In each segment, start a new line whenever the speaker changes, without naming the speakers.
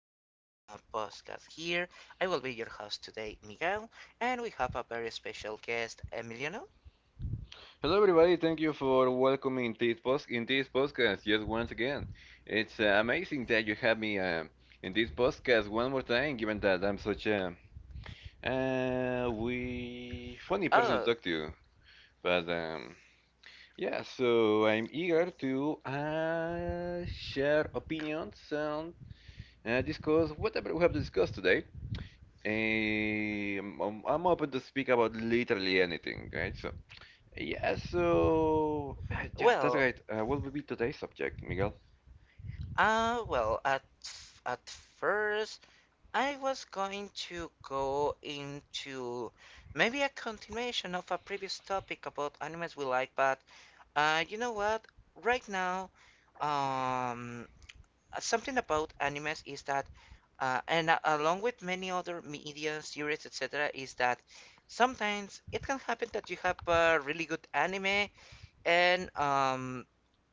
another podcast here. I will be your host today, Miguel, and we have a very special guest, Emiliano.
Hello, everybody. Thank you for welcoming this post in this podcast. Yes, once again, it's amazing that you have me in this podcast one more time. Given that I'm such a we funny person to
Oh,
talk to, but yeah, so I'm eager to share opinions and discuss whatever we have discussed today. I'm open to speak about literally anything, right? So. Yeah, so yeah, that's
well,
right. What will be today's subject, Miguel?
well, at first I was going to go into maybe a continuation of a previous topic about animes we like, but you know what? Right now, um, something about animes is that along with many other media series etc is that sometimes it can happen that you have a really good anime , and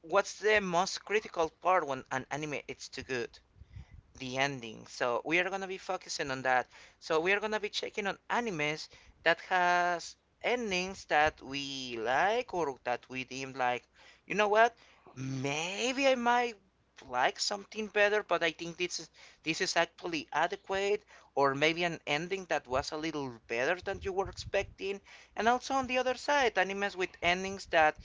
what's the most critical part when an anime is too good? The ending. So we are gonna be focusing on that. So we are gonna be checking on animes that has endings that we like or that we deem, like, you know what? Maybe I might like something better, but I think this is actually adequate, or maybe an ending that was a little better than you were expecting. And also on the other side, animes with endings that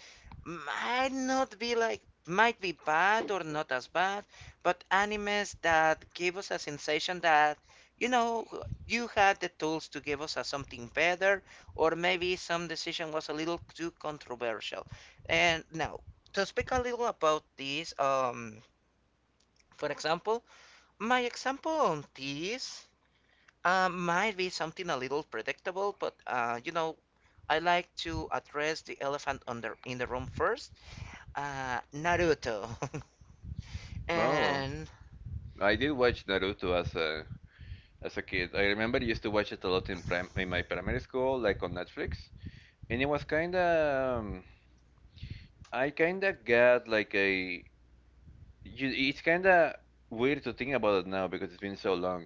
might not be like, might be bad or not as bad, but animes that give us a sensation that, you know, you had the tools to give us a something better, or maybe some decision was a little too controversial. And now, to speak a little about this, for example, my example on this might be something a little predictable, but you know, I like to address the elephant on in the room first. Naruto
Oh,
and
I did watch Naruto as a kid. I remember I used to watch it a lot in prim in my primary school, like on Netflix, and it was kind of I kind of got like a it's kind of weird to think about it now because it's been so long,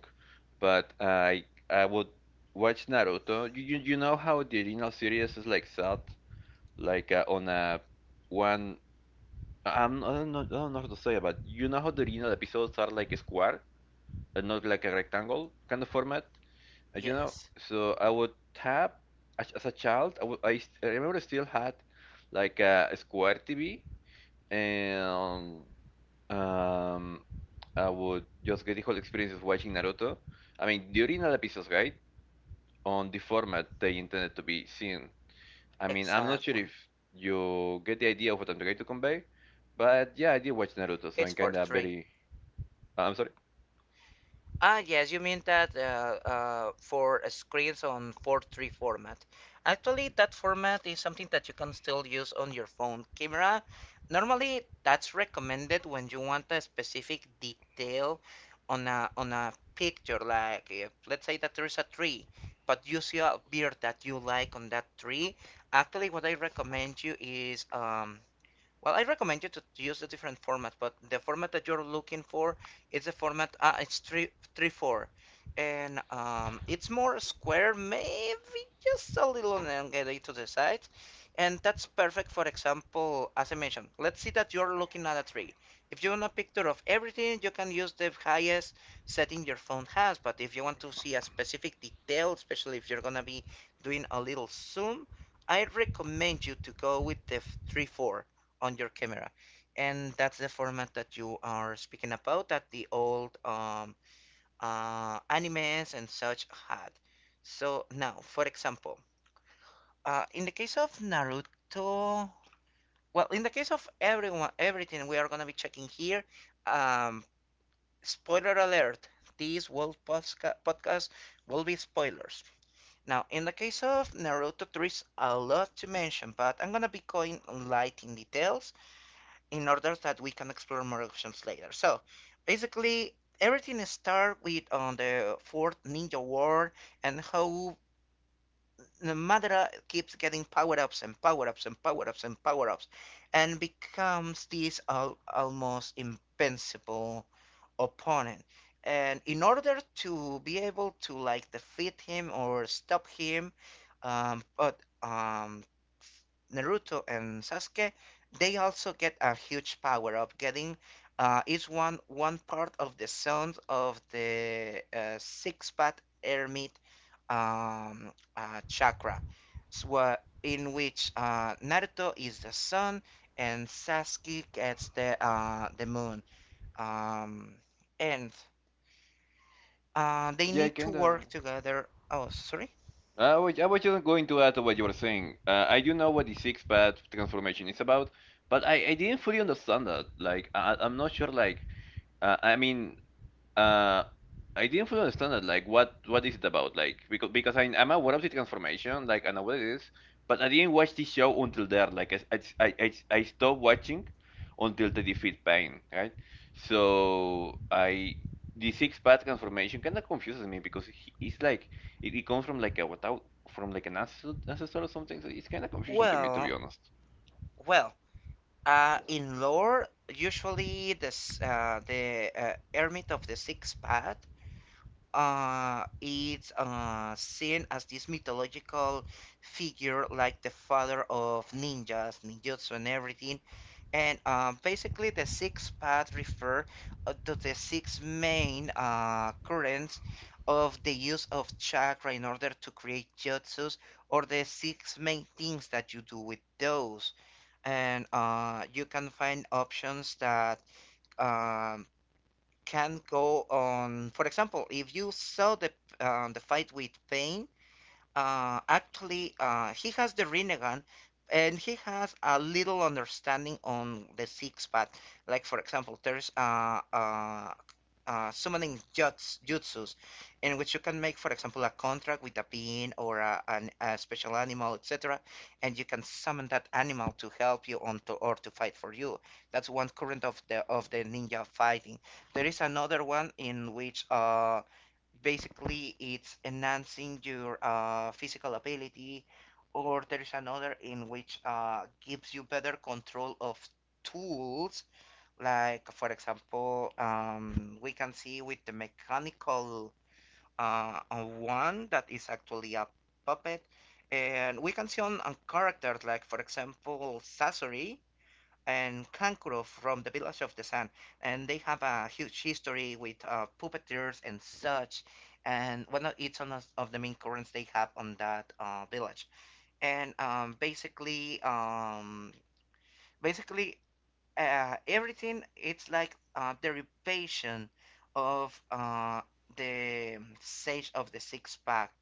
but I would watch Naruto. You know how the original series is like set like on a one I'm, I don't know how to say it, but you know how the original episodes are like a square and not like a rectangle kind of format, you know.
yes
So I would tap as a child. I remember I still had like a square TV, and um, I would just get the whole experience of watching Naruto. I mean, the original episodes, right? On the format they intended to be seen. I mean, I'm not sure
exactly.
if you get the idea of what I'm trying to convey, but yeah, I did watch Naruto, so
It's
I'm
four
kind of
three.
very Ah, I'm sorry.
Ah, yes, you mean that for screens on 4:3 format. Actually, that format is something that you can still use on your phone camera. Normally, that's recommended when you want a specific detail on a picture. Like, if, let's say that there is a tree, but you see a beard that you like on that tree. Actually, what I recommend you is, well, I recommend you to use a different format, but the format that you're looking for is the format. It's 3:3:4, and it's more square, maybe just a little elongated to the sides, and that's perfect. For example, as I mentioned, let's see that you're looking at a tree. If you want a picture of everything, you can use the highest setting your phone has. But if you want to see a specific detail, especially if you're gonna be doing a little zoom, I recommend you to go with the 3:4 on your camera. And that's the format that you are speaking about that the old animes and such had. So now, for example, in the case of Naruto, well, in the case of everyone, everything we are gonna be checking here. Um, spoiler alert: this podcast will be spoilers. Now, in the case of Naruto, there is a lot to mention, but I'm gonna be going light in details in order that we can explore more options later. So basically, everything starts with on the fourth ninja war and how Madara keeps getting power ups and power ups and power ups and power ups, and becomes this almost invincible opponent. And in order to be able to like defeat him or stop him, but Naruto and Sasuke, they also get a huge power of getting each one one part of the sound of the six path hermit chakra, so, uh, in which Naruto is the sun and Sasuke gets the moon. Um, and They
Yeah, I
need to
kinda.
work together. Oh, sorry.
I was just going to add to what you were saying. I do know what the six path transformation is about, but I didn't fully understand that. Like, I'm not sure, like, uh, I mean, Uh, I didn't fully understand that. Like, what is it about? Like, because I'm aware of the transformation, like, I know what it is, but I didn't watch this show until there. Like, I stopped watching until they defeat Pain, right? So I the six path transformation kind of confuses me because he, it's like it comes from like a without from like an ancestor or something. So it's kind of confusing to me, to be
Well,
honest.
well. In lore, usually this the Hermit of the Six Path it's seen as this mythological figure, like the father of ninjas, ninjutsu and everything. And basically the six paths refer to the six main currents of the use of chakra in order to create jutsus, or the six main things that you do with those. And you can find options that um, can go on. For example, if you saw the fight with Pain, actually he has the Rinnegan, and he has a little understanding on the six path. Like for example, there's summoning jutsus, in which you can make, for example, a contract with a being or a special animal, etc., and you can summon that animal to help you or to fight for you. That's one current of the ninja fighting. There is another one in which basically it's enhancing your physical ability, or there is another in which gives you better control of tools like, for example, we can see with the mechanical one that is actually a puppet, and we can see on characters like, for example, Sasori and Kankuro from the Village of the Sun, and they have a huge history with puppeteers and such. And one of each one of the main currents they have on that village, and basically everything it's like a derivation of the sage of the six pack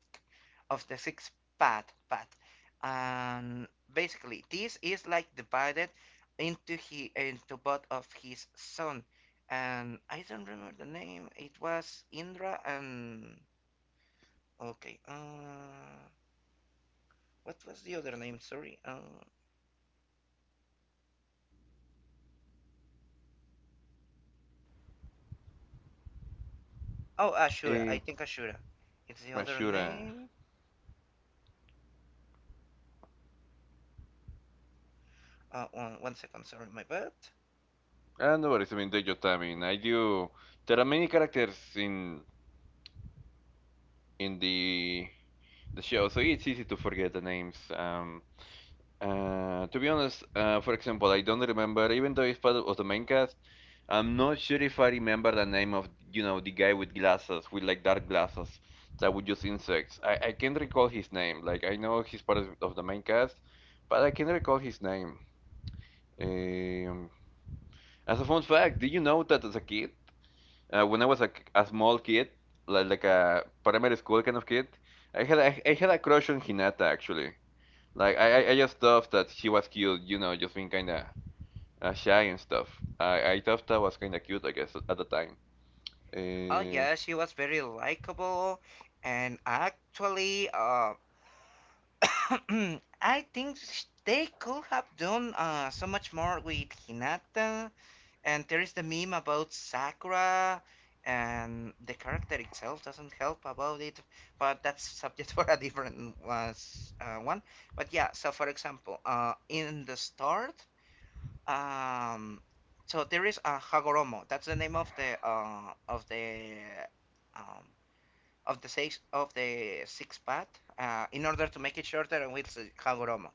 of the six path and basically this is like divided into both of his son. And I don't remember the name. It was Indra and okay, what was the other name, sorry? Oh Ashura, I
Eh,
think Ashura it's the other
Ashura.
name. One, 1 second, sorry, my bad.
Ah, no worries. I mean, take your time. I mean, I do. There are many characters in in the the show, so yeah, it's easy to forget the names. To be honest, for example, I don't remember, even though it's part of the main cast, I'm not sure if I remember the name of, you know, the guy with glasses, with like dark glasses, that would use insects. I can't recall his name. Like, I know he's part of the main cast, but I can't recall his name. Um, as a fun fact, did you know that as a kid, when I was a small kid, like a primary school kind of kid, I had I had a crush on Hinata actually. Like I just thought that she was cute, you know, just being kind of shy and stuff. I thought that was kind of cute, I guess, at the time.
Oh
Uh,
yeah, she was very likable, and actually, I think they could have done so much more with Hinata. And there is the meme about Sakura, and the character itself doesn't help about it, but that's subject for a different was one. But yeah, so for example, in the start, Um, so there is a Hagoromo. That's the name of the um, of the six path. In order to make it shorter, I will say Hagoromo.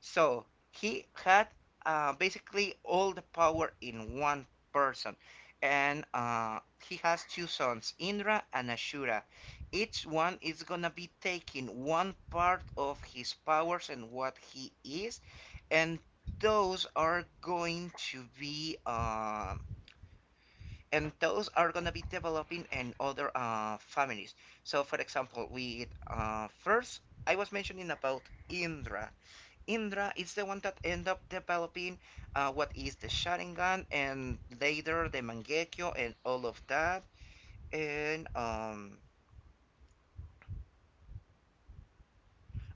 So he had basically all the power in one person, and he has two sons, Indra and Ashura. Each one is gonna be taking one part of his powers and what he is, and those are going to be and those are gonna be developing in other families. So, for example, with first I was mentioning about Indra. Indra is the one that end up developing what is the Sharingan and later the Mangekyo and all of that. And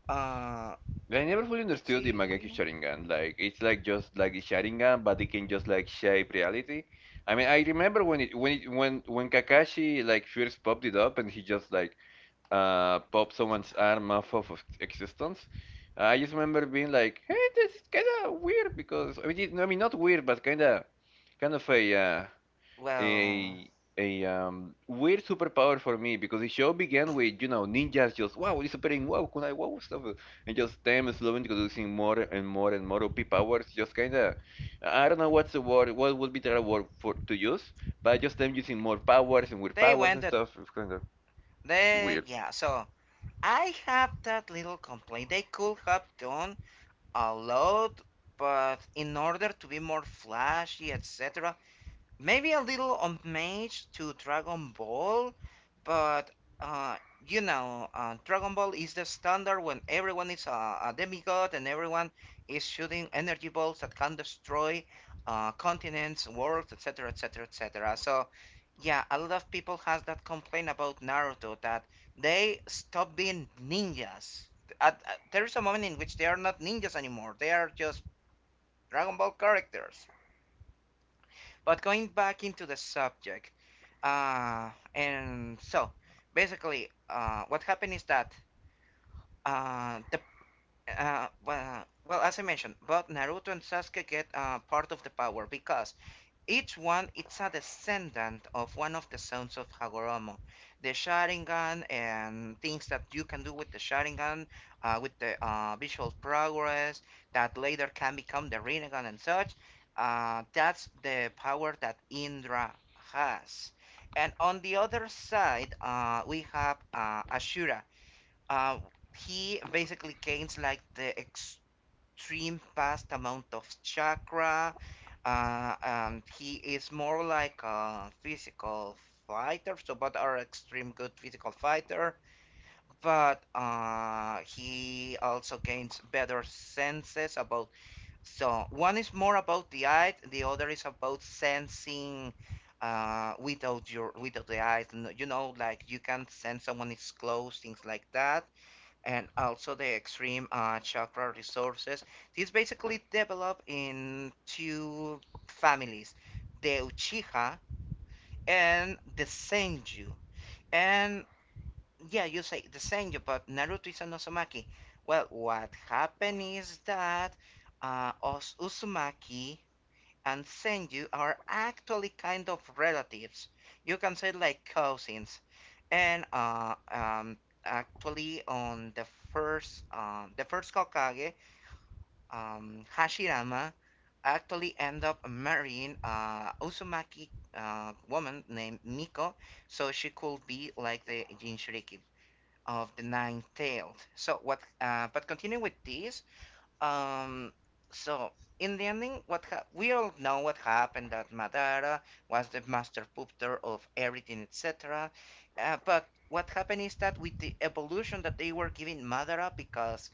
uh
I never fully
let's
understood the Mangekyo
see.
Sharingan. Like it's like just like the Sharingan, but it can just like shape reality. I mean, I remember when it when Kakashi like first popped it up and he just like pop someone's arm off of existence. I just remember being like, "Hey, this is kind of weird because I mean, I mean, not weird, but kind of
Well,
a weird superpower for me because the show began with you know ninjas just wow disappearing, wow kunai, wow stuff, and just them slowly introducing more and more and more OP powers. Just kind of, I don't know what's the word, what would be the right word for to use, but just them using more powers and weird
they
powers
went
and
that
stuff. It's kind of
they
weird.
yeah, so I have that little complaint. They could have done a lot, but in order to be more flashy, etc., maybe a little on mage to Dragon Ball, but uh, you know, Dragon Ball is the standard when everyone is a demigod and everyone is shooting energy balls that can destroy continents, worlds, etc., etc., etc. So, yeah, a lot of people has that complaint about Naruto that they stop being ninjas. There is a moment in which they are not ninjas anymore. They are just Dragon Ball characters. But going back into the subject, and so basically, what happened is that the well, well, as I mentioned, both Naruto and Sasuke get part of the power because each one it's a descendant of one of the sons of Hagoromo. The Sharingan and things that you can do with the Sharingan, with the visual progress that later can become the Rinnegan and such. That's the power that Indra has. And on the other side, we have Ashura. Uh, he basically gains like the ex stream vast amount of chakra. He is more like a physical fighter, so but are extreme good physical fighter. But he also gains better senses about. So one is more about the eye, the other is about sensing. Without the eyes, you know, like you can sense someone is close, things like that, and also the extreme chakra resources. These basically develop in two families, the Uchiha and the Senju. And yeah, you say the Senju, but Naruto is an Uzumaki. Well, what happened is that Uzumaki and send you are actually kind of relatives. You can say like cousins. And actually, on the first Kokage, Hashirama actually end up marrying Uzumaki woman named Miko, so she could be like the Jinchuriki of the nine tailed. So what? But continuing with this, um, so in the ending, we all know what happened, that Madara was the master pooper of everything, etc. But what happened is that with the evolution that they were giving Madara, because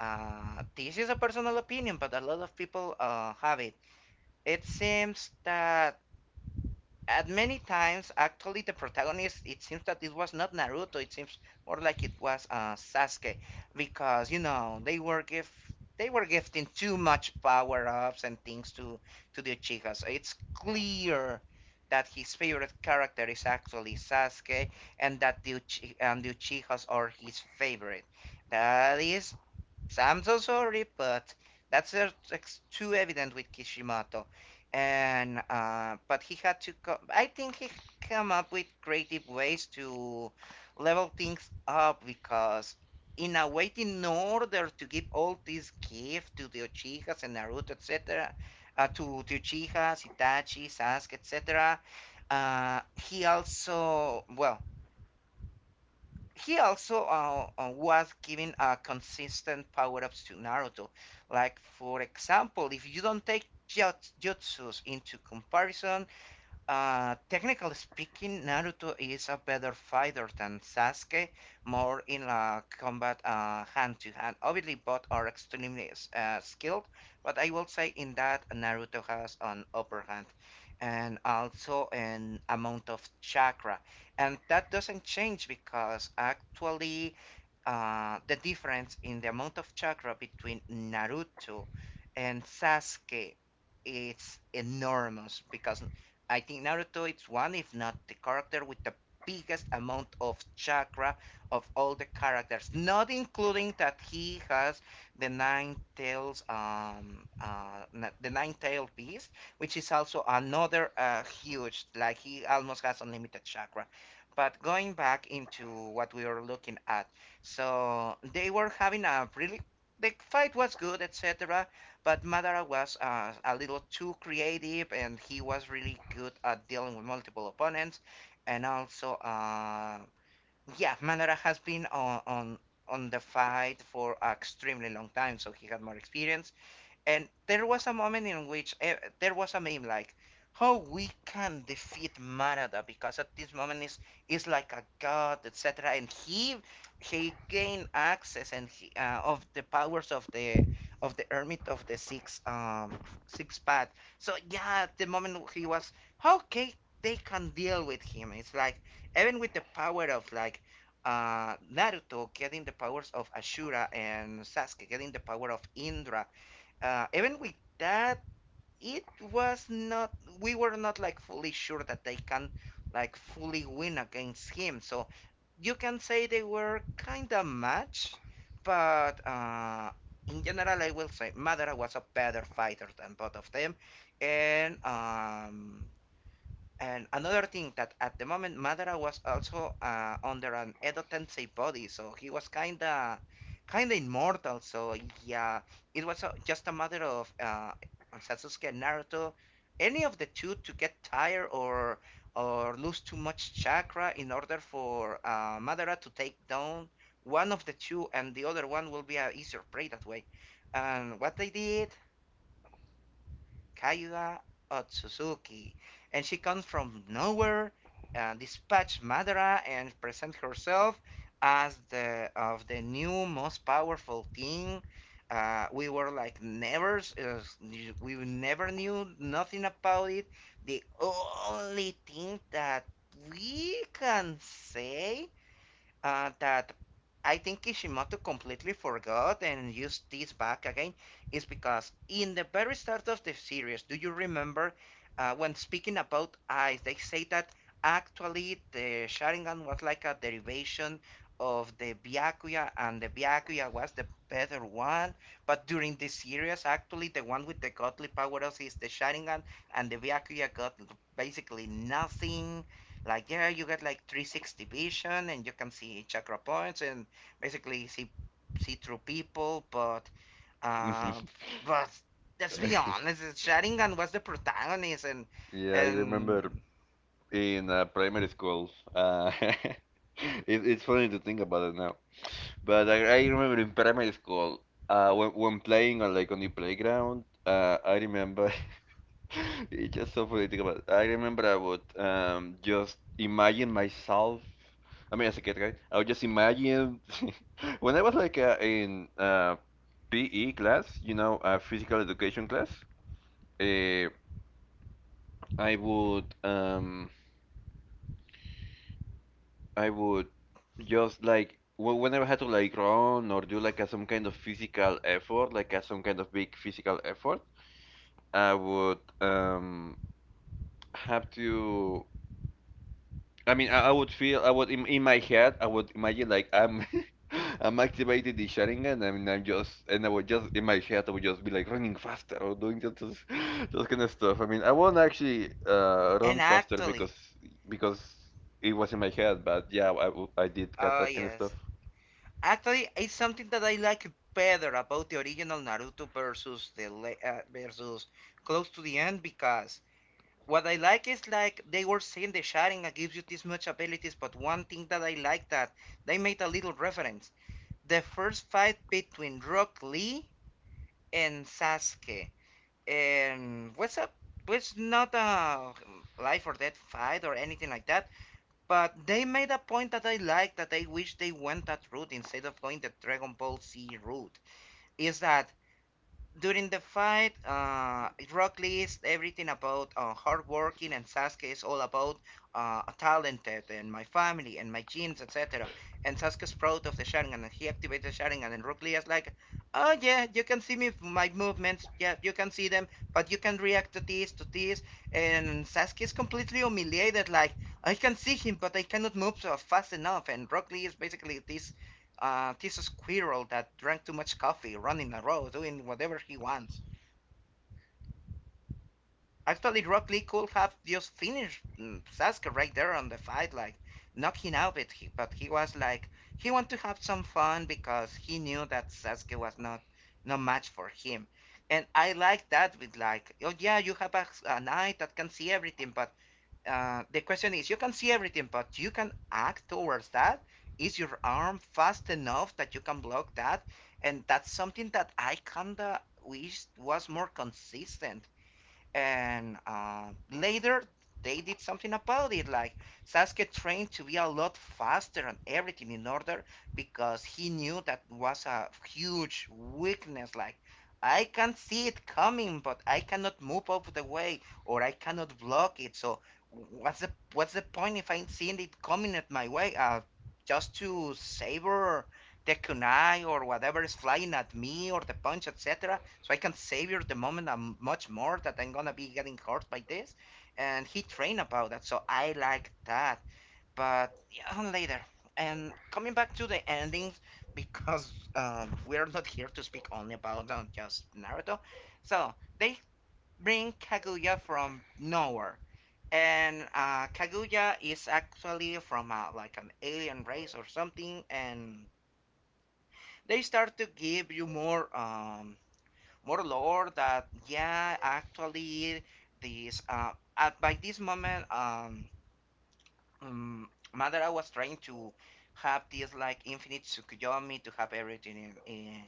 this is a personal opinion, but a lot of people have it. It seems that at many times actually the protagonist, it seems that it was not Naruto. It seems more like it was Sasuke, because you know they were give they were gifting too much power-ups and things to the Uchihas. It's clear that his favorite character is actually Sasuke, and that and the Uchihas are his favorite. That is I'm so sorry, but that's too evident with Kishimoto. And but he had to co I think he come up with creative ways to level things up, because in a way, in order to give all this gift to the Uchihas and Naruto, etc., to the Uchihas, Itachi, Sasuke, etc., uh, he also, he also was giving a consistent power ups to Naruto. Like, for example, if you don't take jutsus into comparison, technically speaking, Naruto is a better fighter than Sasuke, more in combat, hand to hand. Obviously, both are extremely skilled, but I will say in that Naruto has an upper hand, and also an amount of chakra. And that doesn't change, because actually the difference in the amount of chakra between Naruto and Sasuke is enormous, because I think Naruto is one, if not the character with the biggest amount of chakra of all the characters, not including that he has the nine tails, the nine tailed beast, which is also another huge, like he almost has unlimited chakra. But going back into what we were looking at, so they were having a really the fight was good, etc. But Madara was a little too creative, and he was really good at dealing with multiple opponents. And also, yeah, Madara has been on the fight for an extremely long time, so he had more experience. And there was a moment in which there was a meme like, "How we can defeat Manada, because at this moment is like a god, etc." And he gained access and of the powers of the Hermit of the Six, Six Path. So yeah, at the moment he was, how can they can deal with him? It's like, even with the power of like, Naruto getting the powers of Ashura and Sasuke getting the power of Indra, even with that, it was not. We were not like fully sure that they can like fully win against him. So you can say they were kind of matched, but in general, I will say Madara was a better fighter than both of them, and um, and another thing that at the moment Madara was also under an Edo Tensei body, so he was kinda immortal. So yeah, it was just a matter of Sasuke and Naruto, any of the two to get tired, or lose too much chakra in order for Madara to take down one of the two, and the other one will be a easier prey that way. And what they did? Kayua Otsutsuki. And she comes from nowhere, dispatch Madara and present herself as the of the new most powerful team. Uh, we were like never, uh, we never knew nothing about it. The only thing that we can say, that I think Kishimoto completely forgot and used this back again, is because in the very start of the series, do you remember when speaking about eyes, they say that actually the Sharingan was like a derivation of the Byakuya, and the Byakuya was the better one. But during this series, actually, the one with the godly powers is the Sharingan, and the Byakuya got basically nothing. Like yeah, you get like 360 vision, and you can see chakra points and basically see through people, but uh, but let's be honest, Sharingan was the protagonist.
Yeah, I remember
And
in primary school. It, it's funny to think about it now. But I remember in primary school, when playing on like on the playground, I remember it's just so funny to think about. It. I remember I would just imagine myself. I mean, as a kid, right? I would just imagine when I was like in PE class, you know, physical education class. Uh, I would I would just like whenever I had to like run or do like some kind of physical effort, like some kind of big physical effort, I would have to. I mean, I would feel I would in my head I would imagine like I'm I'm activating the Sharingan. I mean, I'm just and I would just in my head I would just be like running faster or doing that those, those kind of stuff. I mean, I won't actually
and
run faster
actually,
because it was in my head, but yeah, I, w- I did got
oh
that kind of stuff.
yes, actually it's something that I like better about the original Naruto versus versus close to the end, because what I like is like they were saying the Sharingan gives you this much abilities, but one thing that I like that they made a little reference. The first fight between Rock Lee and Sasuke. And what's up? It's not a life or death fight or anything like that, but they made a point that I like, that I wish they went that route instead of going the Dragon Ball Z route. Is that during the fight, Rock Lee is everything about hard working, and Sasuke is all about talented and my family and my genes, etc. And Sasuke's proud of the Sharingan, and he activates the Sharingan, and Rock Lee is like, "Oh yeah, you can see me, my movements. Yeah, you can see them, but you can react to this." And Sasuke is completely humiliated, like, "I can see him, but I cannot move so fast enough." And Rock Lee is basically this squirrel that drank too much coffee, running a row, doing whatever he wants. Actually, Rock Lee could have just finished Sasuke right there on the fight, like knocking out, but he was like he wanted to have some fun, because he knew that Sasuke was not no match for him. And I like that, with like, oh yeah, you have a knight that can see everything, but the question is you can see everything, but you can act towards that. Is your arm fast enough that you can block that? And that's something that I kinda wish was more consistent, and later they did something about it, like Sasuke trained to be a lot faster and everything in order, because he knew that was a huge weakness, like I can see it coming but I cannot move out of the way or I cannot block it, so what's the point if I'm seeing it coming at my way, just to savor the kunai or whatever is flying at me, or the punch, etc., so I can savor the moment much more that I'm gonna be getting hurt by this. And he trained about that, so I like that. But yeah, later. And coming back to the endings, because we're not here to speak only about just Naruto. So they bring Kaguya from nowhere. And Kaguya is actually from like an alien race or something, and they start to give you more more lore that yeah, actually this at by this moment, um, Madara was trying to have this like infinite Tsukuyomi to have everything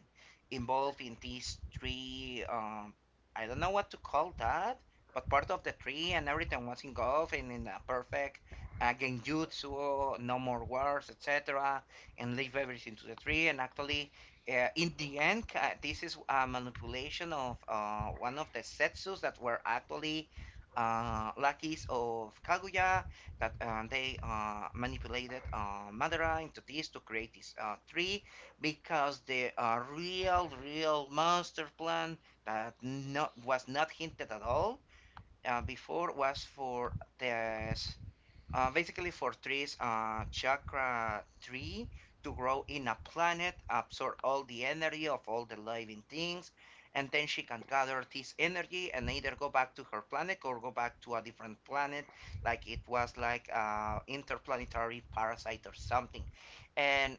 involved in these three. I don't know what to call that, but part of the tree and everything was involved and in a perfect genjutsu, no more wars, etc., and leave everything to the tree. And actually, in the end, this is a manipulation of one of the setsus that were actually lackeys of Kaguya, that they manipulated Madara into this to create this tree, because the real master plan that not was not hinted at all before, was for this basically for trees, chakra tree to grow in a planet, absorb all the energy of all the living things, and then she can gather this energy and either go back to her planet or go back to a different planet, like it was like interplanetary parasite or something. And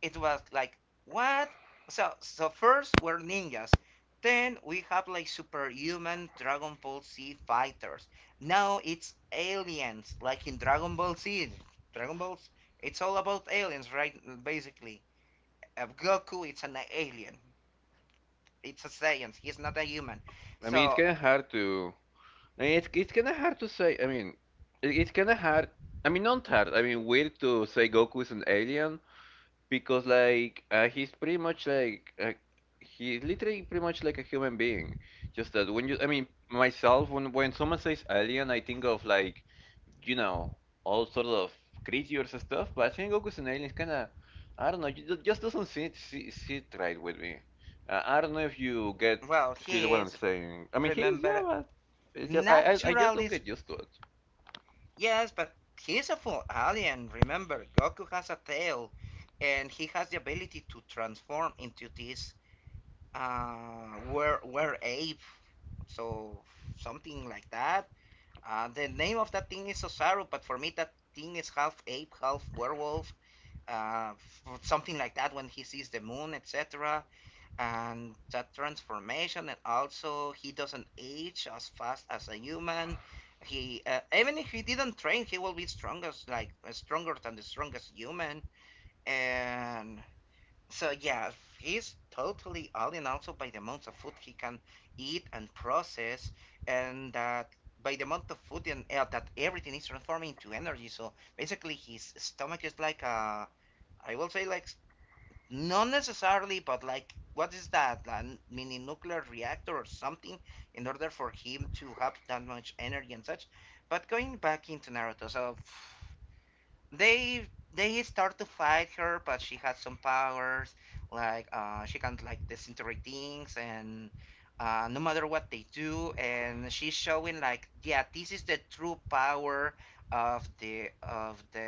it was like, what? So first were ninjas. Then we have like superhuman Dragon Ball Z fighters. Now it's aliens, like in Dragon Ball Z. Dragon Balls, it's all about aliens, right? Basically, Goku it's an alien. It's a science. He's not a human.
I mean, it's
So
kind of hard to. I mean, it's kind of hard to say. I mean, it's kind of hard. I mean, not hard. I mean, weird to say Goku is an alien because like he's pretty much like he's literally pretty much like a human being. Just that when you, I mean, myself when someone says alien, I think of like you know, all sorts of creatures and stuff, but I think Goku's an alien is kind of, I don't know, it just doesn't sit right with me. I don't know if you get,
well,
feel
he
what I'm
is.
saying. I mean, he's, yeah,
Remember,
but it's just, I just don't
naturally.
get used to it.
Yes, but he's a full alien. Remember, Goku has a tail, and he has the ability to transform into this were ape, so something like that. The name of that thing is Osaru, but for me that thing is half ape, half werewolf, something like that. When he sees the moon, etc., and that transformation, and also he doesn't age as fast as a human. He even if he didn't train he will be strongest like stronger than the strongest human. And so yeah, he's totally alien, also by the amount of food he can eat and process, and that by the amount of food and air that everything is transforming into energy, so basically his stomach is like a, I will say like, not necessarily, but like, what is that? A mini nuclear reactor or something, in order for him to have that much energy and such. But going back into Naruto, they they start to fight her, but she has some powers. Like she can like disintegrate things, and no matter what they do, and she's showing like, yeah, this is the true power of the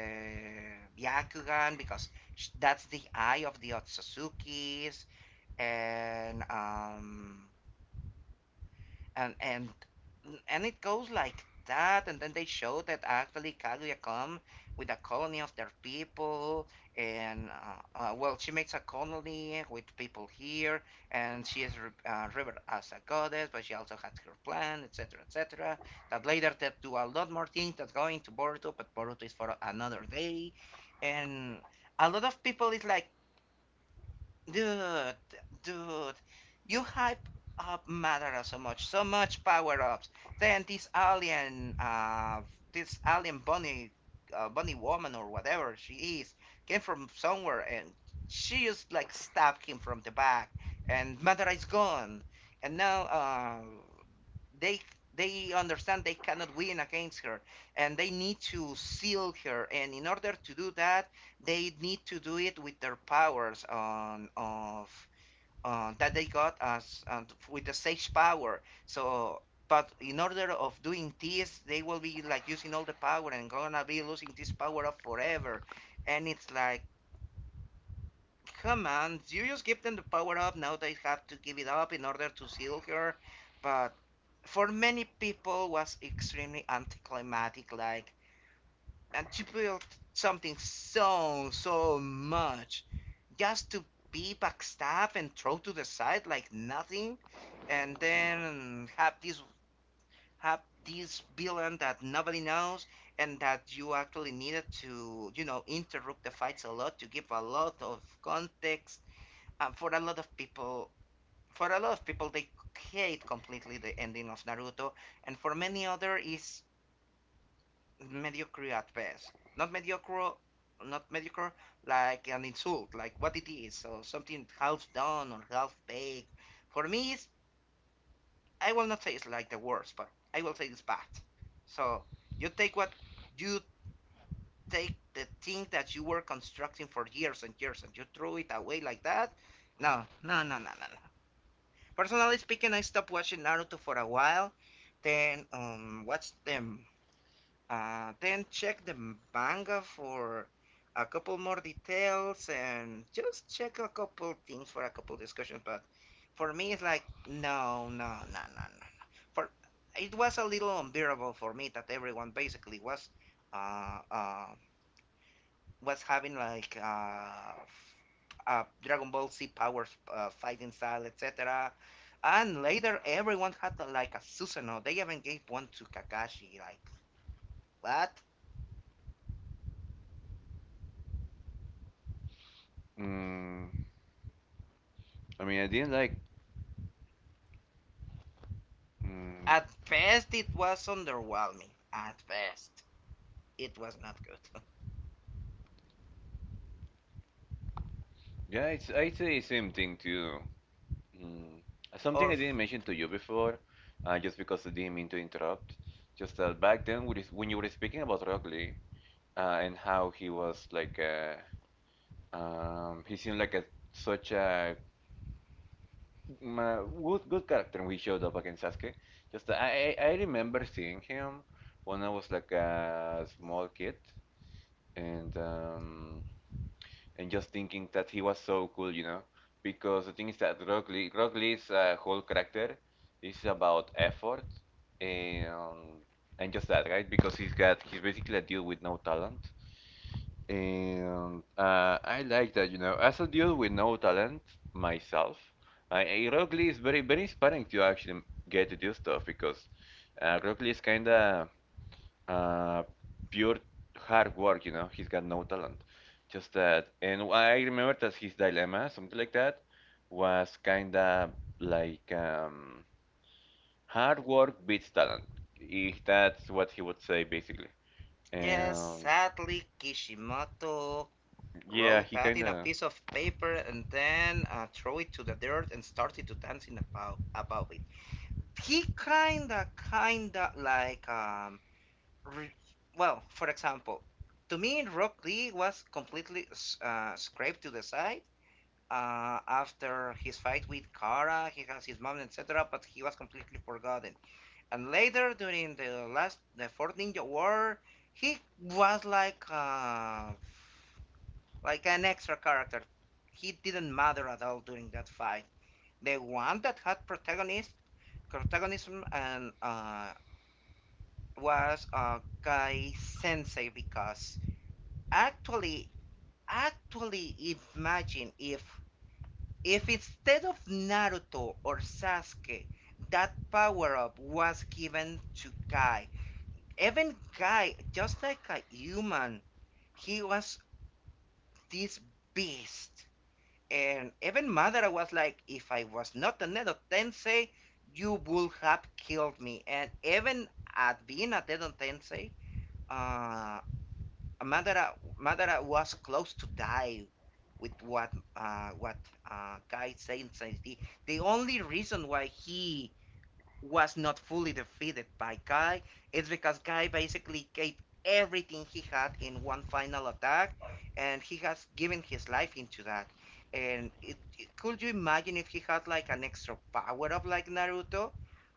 Byakugan because that's the eye of the Otsutsuki's, and um and and it goes like that, and then they show that actually Kaguya come with a colony of their people. And well, she makes a colony with people here, and she is revered as a goddess, but she also has her plan, etc., etc., that later they do a lot more things that go into Boruto, but Boruto is for another day. And a lot of people is like, "Dude, dude, you hype up Madara so much, so much power ups. Then this alien bunny, bunny woman or whatever she is, came from somewhere, and she just like stabbed him from the back, and Madara is gone." And now, they they understand they cannot win against her, and they need to seal her, and in order to do that, they need to do it with their powers on of that they got as with the sage power. So but in order of doing this, they will be like using all the power and gonna be losing this power up forever. And it's like, "Come on, you just give them the power up. Now they have to give it up in order to seal her." But for many people, was extremely anticlimactic. Like, and she built something so so much just to be backstabbed and throw to the side like nothing, and then have this villain that nobody knows, and that you actually needed to, you know, interrupt the fights a lot to give a lot of context for a lot of people. For a lot of people they hate completely the ending of Naruto. And for many other is mediocre at best. Not mediocre, like an insult, like what it is, so something half done or half baked. For me, it's, I will not say it's like the worst, but I will say it's bad. So you take what, you take the thing that you were constructing for years and years, and you throw it away like that? No, no, no, no, no, no. Personally speaking, I stopped watching Naruto for a while, then watched them, then check the manga for a couple more details and just check a couple things for a couple discussions. But for me, it's like, no, no, no, no, no, no. For it was a little unbearable for me that everyone basically uh, uh, was having like Dragon Ball Z powers, fighting style, etc. And later, everyone had like a Susanoo. They even gave one to Kakashi. Like, what?
Mm, I mean, I didn't like, mm,
At best, it was underwhelming. At best, it was not good.
yeah, it's, I'd say same thing too. Mm, something
Or
I didn't mention to you before, just because I didn't mean to interrupt, just that back then, when you were speaking about Rock Lee, and how he was like he seemed like a such a good good character when he showed up against Sasuke. Just I remember seeing him when I was like a small kid, and um and just thinking that he was so cool, you know, because the thing is that Rock Lee's whole character is about effort and and just that, right? Because he's got he's basically a dude with no talent. And I like that, you know, as a dude with no talent myself, I Rockley is very, very inspiring to actually get to do stuff because Rockley is kind of uh, pure hard work, you know, he's got no talent, just that. And I remember that his dilemma, something like that, was kind of like hard work beats talent. If that's what he would say, basically.
yes,
And
sadly, Kishimoto
yeah,
wrote
he
that
kind
in a
of.
piece of paper and then throw it to the dirt and started to dance in about it. He kinda like re- well, for example, to me Rock Lee was completely scraped to the side after his fight with Kara. He has his mom, etc., but he was completely forgotten. And later, during the fourth ninja war, he was like an extra character. He didn't matter at all during that fight. The one that had protagonist protagonism and was Guy Sensei, because actually, actually, imagine if instead of Naruto or Sasuke, that power up was given to Guy. Even Guy, just like a human, he was this beast. And even Madara was like, if I was not a Nedo Tensei, you would have killed me. And even at being a Nedo Tensei, uh, Madara was close to die with what Guy Saint says. The only reason why he was not fully defeated by Guy, it's because Guy basically gave everything he had in one final attack, and he has given his life into that. And could you imagine if he had like an extra power up like Naruto?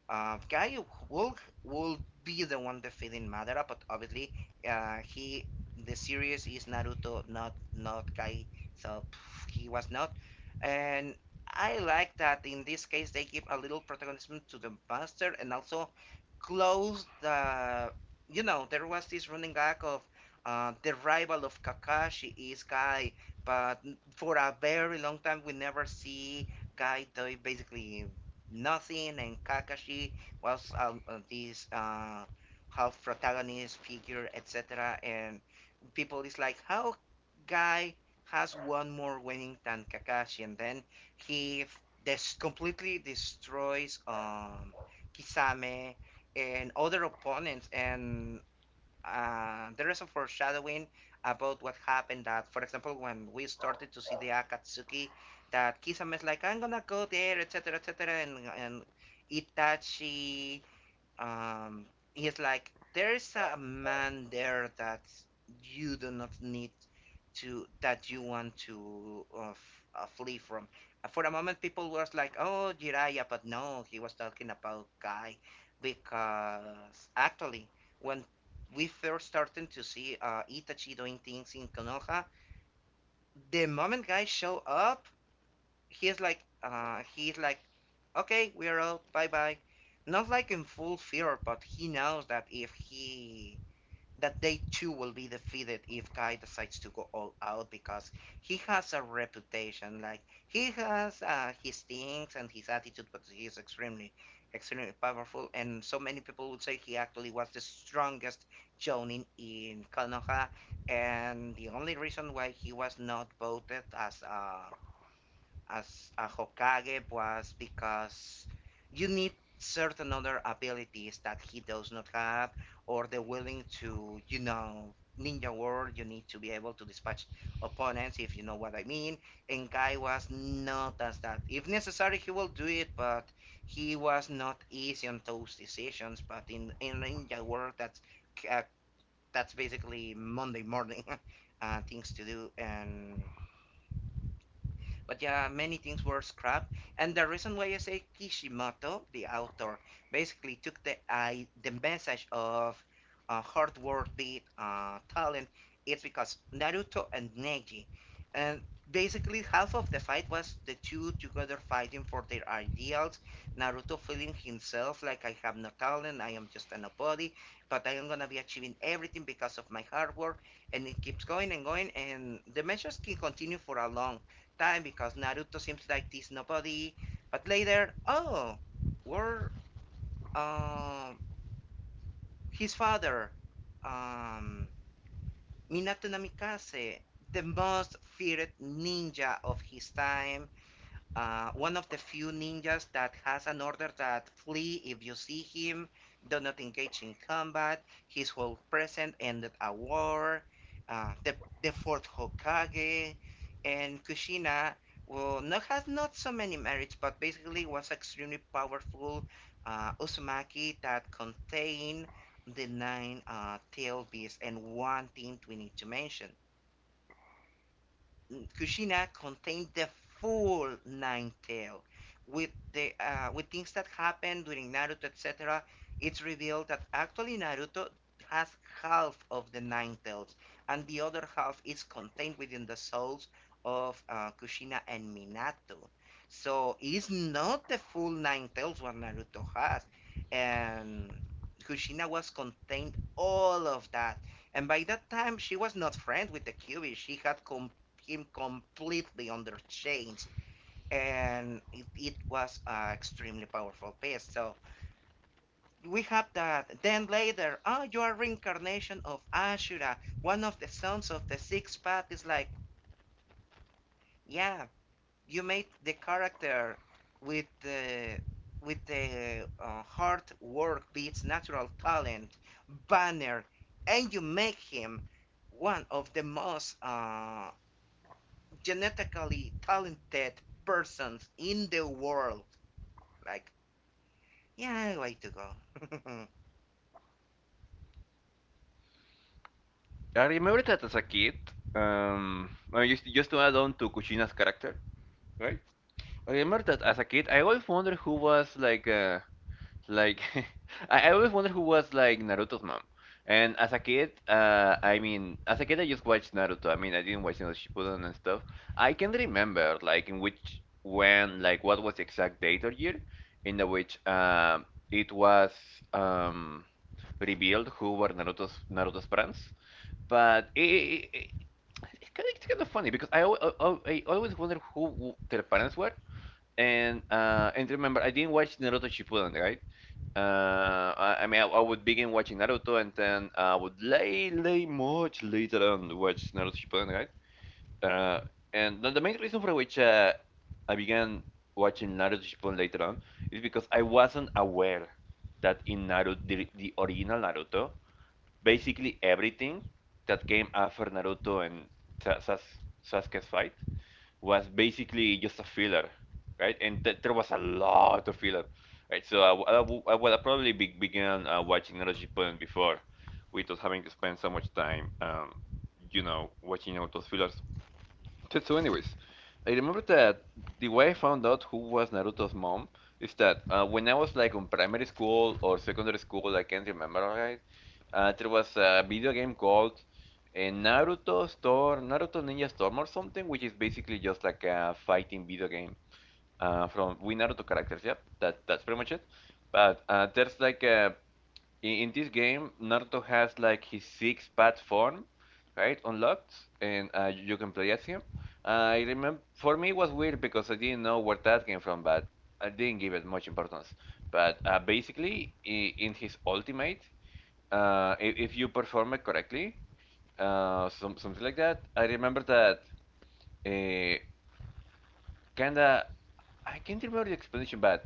Guy will will be the one defeating Madara, but obviously, he the series is Naruto, not Guy, so pff, he was not. And I like that in this case they give a little protagonism to the master and also close the, you know, there was this running gag of the rival of Kakashi is Guy, but for a very long time we never see Guy doing basically nothing, and Kakashi was this half protagonist figure, etc. And people is like, how Guy has one more winning than Kakashi, and then he completely destroys Kisame and other opponents. And there is a foreshadowing about what happened, that for example when we started to see the Akatsuki, that Kisame is like, I'm gonna go there, et etc., etc., and Itachi, um he's like, there's a man there that you do not need to that you want to flee from. For a moment people were like, oh, Jiraiya, but no, he was talking about Guy. Because actually, when we first started to see Itachi doing things in Konoha, the moment Guy show up, he's like, he's like, okay, we're out, bye bye. Not like in full fear, but he knows that if he that they too will be defeated if Guy decides to go all out, because he has a reputation. Like, he has his things and his attitude, but he is extremely, extremely powerful, and so many people would say he actually was the strongest jonin in Konoha. And the only reason why he was not voted as a Hokage was because you need certain other abilities that he does not have, or the willing to, you know, ninja world. You need to be able to dispatch opponents, if you know what I mean. And Guy was not as that. If necessary, he will do it, but he was not easy on those decisions. But in ninja world, uh, that's basically Monday morning things to do. And but yeah, many things were scrapped. And the reason why I say Kishimoto, the author, basically took the I the message of hard work, the talent, it's because Naruto and Neji, and basically half of the fight was the two together fighting for their ideals. Naruto feeling himself like, I have no talent, I am just a nobody, but I am gonna be achieving everything because of my hard work. And it keeps going and going, and the measures can continue for a long time because Naruto seems like this nobody. But later, oh, we're uh, his father, um, Minato Namikaze, the most feared ninja of his time, one of the few ninjas that has an order that flee if you see him, do not engage in combat. His whole present ended a war. Uh, the the fourth Hokage and Kushina, well, not has not so many merits, but basically was extremely powerful Uzumaki that contained the nine tail beasts. And one thing we need to mention, Kushina contained the full Nine Tail. With the with things that happen during Naruto, etc., it's revealed that actually Naruto has half of the Nine Tails, and the other half is contained within the souls of Kushina and Minato. So it's not the full Nine Tails what Naruto has, and Kushina was contained all of that. And by that time, she was not friends with the Kyuubi. She had him completely on their chains, and it was a extremely powerful piece. So we have that, then later, oh, you are reincarnation of Ashura, one of the sons of the six path, is like, yeah, you made the character with the, with the hard work beats natural talent banner, and you make him one of the most genetically talented persons in the world. Like, yeah, I like to go.
I remember that as a kid, I used to, just to add on to Kuchina's character, right? I remember that as a kid, I always wondered who was like, I always wonder who was like Naruto's mom. And as a kid, I mean, as a kid, I just watched Naruto. I mean, I didn't watch you know, Shippuden and stuff. I can remember like in which, when, like what was the exact date or year in the which it was um, revealed who were Naruto's parents. But it's kind of, it's kind of funny because I, al- al- al- I always wonder who their parents were, and remember, I didn't watch Naruto Shippuden, right? I mean, I would begin watching Naruto, and then I would lay much later on, watch Naruto Shippuden, right? Uh, and the main reason for which I began watching Naruto Shippuden later on is because I wasn't aware that in Naruto, the original Naruto, basically everything that came after Naruto and Sa- Sas- Sasuke's fight was basically just a filler, right? And there was a lot of filler, right? So well, I probably began watching Naruto Shippuden before, without having to spend so much time, you know, watching all those fillers. So, so anyways, I remember that the way I found out who was Naruto's mom is that when I was like on primary school or secondary school, I can't remember right. There was a video game called Naruto Storm, Naruto Ninja Storm or something, which is basically just like a fighting video game from with Naruto characters. Yep, that's pretty much it. But there's like a in this game, Naruto has like his six pad form, right, unlocked, and you can play as him. I remember for me it was weird because I didn't know where that came from, but I didn't give it much importance. But basically, I in his ultimate, if you perform it correctly, something like that. I remember that uh, kinda I can't remember the explanation, but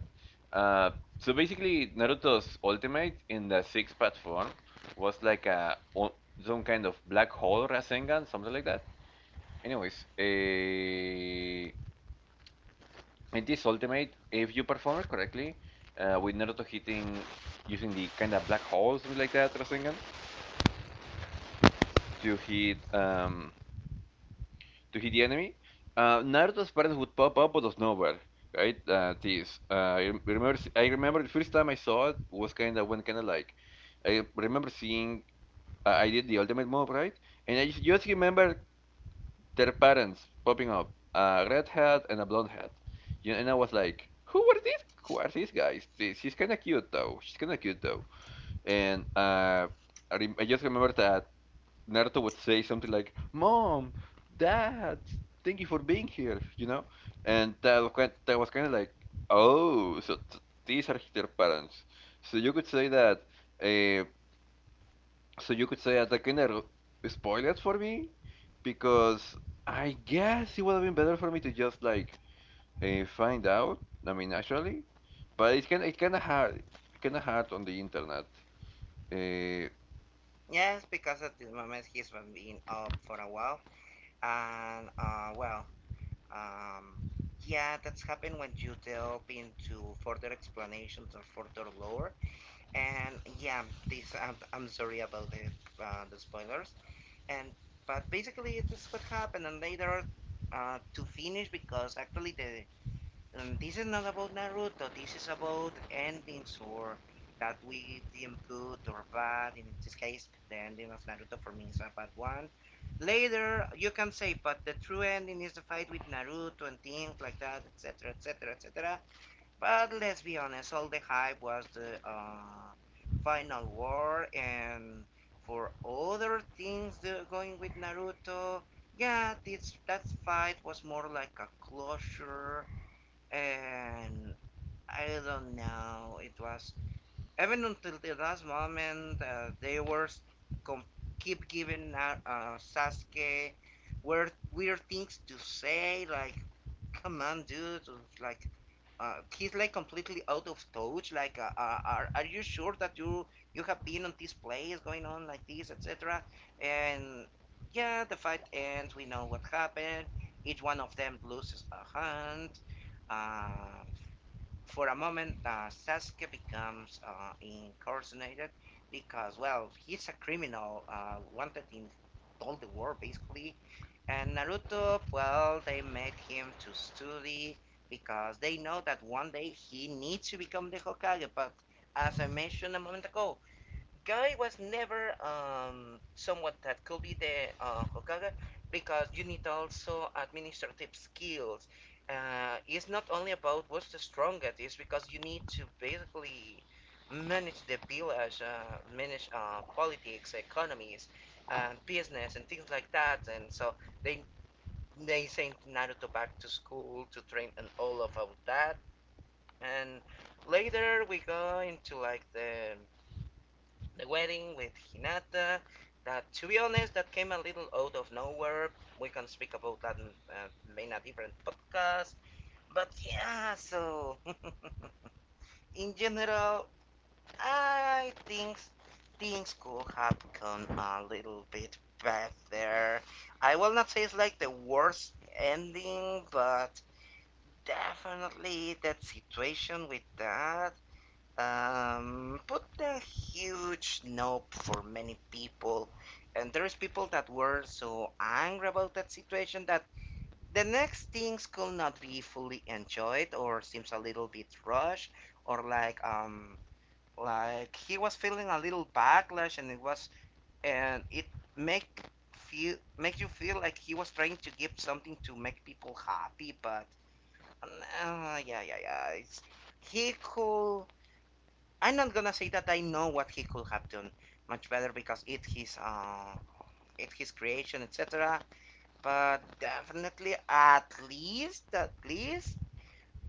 uh, so basically Naruto's ultimate in the six path form was like some kind of black hole Rasengan, something like that. Anyways, in this ultimate, if you perform it correctly, with Naruto hitting using the kind of black hole, something like that, Rasengan, to hit um, to hit the enemy, Naruto's parents would pop up out of nowhere, right? I remember the first time I saw it was kind of when kind of like, I remember seeing, I did the ultimate move, right? And I just remember their parents popping up, a red hat and a blonde hat, and I was like, who are these? Who are these guys? She's kind of cute though. She's kind of cute though, and I just remember that Naruto would say something like, "Mom, Dad, thank you for being here," and that was kind of like, "Oh, so th these are their parents." So you could say that. Uh, so you could say that that kind of spoilers for me, because I guess it would have been better for me to just like find out. I mean, naturally, but it's kind of hard, on the internet. Uh,
Yes, because at this moment he's been up for a while, and um, yeah, that's happened when you delve into further explanations or further lore. And yeah, this, I'm sorry about the spoilers. And but basically, this is what happened. And later, to finish, because actually the, and this is not about Naruto, this is about endings or that we deem good or bad. In this case, the ending of Naruto for me is a bad one. Later, you can say, but the true ending is the fight with Naruto and things like that, etc., etc., etc. But let's be honest, all the hype was the final war, and for other things going with Naruto. Yeah, this that fight was more like a closure and I don't know. It was even until the last moment, they were com- keep giving Sasuke weird things to say. Like, come on, dude. Like, he's like completely out of touch. Like, are you sure that you have been on this place going on like this, etc.? And yeah, the fight ends. We know what happened. Each one of them loses a hand. Um, for a moment, Sasuke becomes incarcerated because, well, he's a criminal wanted in all the world, basically. And Naruto, well, they made him to study because they know that one day he needs to become the Hokage. But as I mentioned a moment ago, Guy was never someone that could be the Hokage because you need also administrative skills. It's not only about what's the strongest, it's because you need to basically manage the village, manage politics, economies, and business, and things like that. And so they they sent Naruto back to school to train and all of that. And later we go into like the wedding with Hinata. That, to be honest, that came a little out of nowhere. We can speak about that in a different podcast. But yeah, so in general, I think things could have gone a little bit better. I will not say it's like the worst ending, but definitely that situation with that put a huge nope for many people. And there's people that were so angry about that situation that the next things could not be fully enjoyed or seems a little bit rushed or like he was feeling a little backlash, and it was and it make feel make you feel like he was trying to give something to make people happy, but yeah, it's, he could. I'm not gonna say that I know what he could have done much better because it his creation, etc. But definitely, at least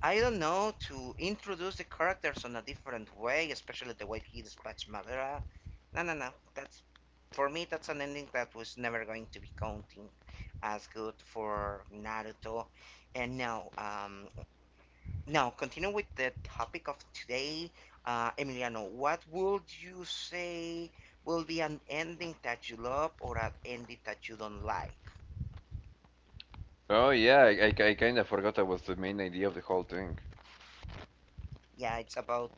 I don't know, to introduce the characters in a different way, especially the way he dispatched Madara. No, that's, for me that's an ending that was never going to be counting as good for Naruto. And now continue with the topic of today, Emiliano. What would you say will be an ending that you love or an ending that you don't like?
oh yeah, I kind of forgot that was the main idea of the whole thing.
Yeah, it's about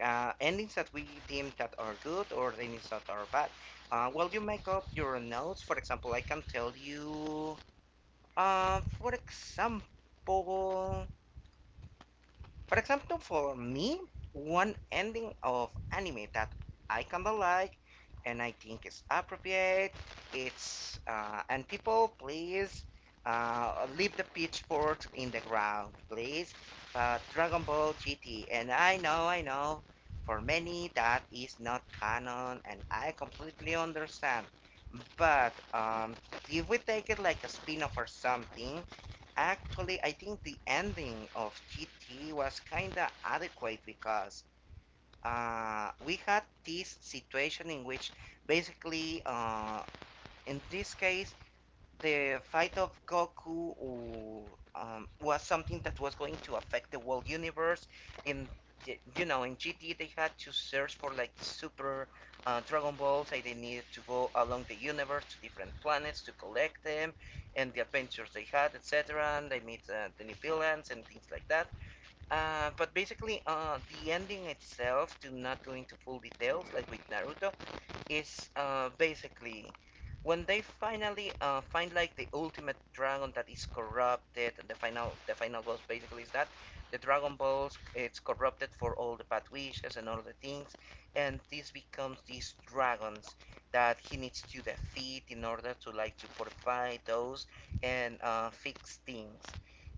endings that we deem that are good or endings that are bad. While you make up your notes, for example, I can tell you, uh, for example. For example, for me, one ending of anime that I kinda like and I think is appropriate. It's And people, please, leave the pitchforks in the ground, please. But Dragon Ball GT, and I know, for many that is not canon, and I completely understand. But if we take it like a spin off or something, actually, I think the ending of GT was kind of adequate because we had this situation in which basically, in this case, the fight of Goku was something that was going to affect the world universe. In, you know, in GT they had to search for like super Dragon Balls, and they needed to go along the universe to different planets to collect them, and the adventures they had, etc. And they meet the new villains and things like that. Uh, but basically, uh, the ending itself, to not go into full details like with Naruto, is, basically, when they finally find like the ultimate dragon that is corrupted. The final boss basically is that the Dragon Balls it's corrupted for all the bad wishes and all the things, and this becomes these dragons that he needs to defeat in order to like to fortify those and fix things.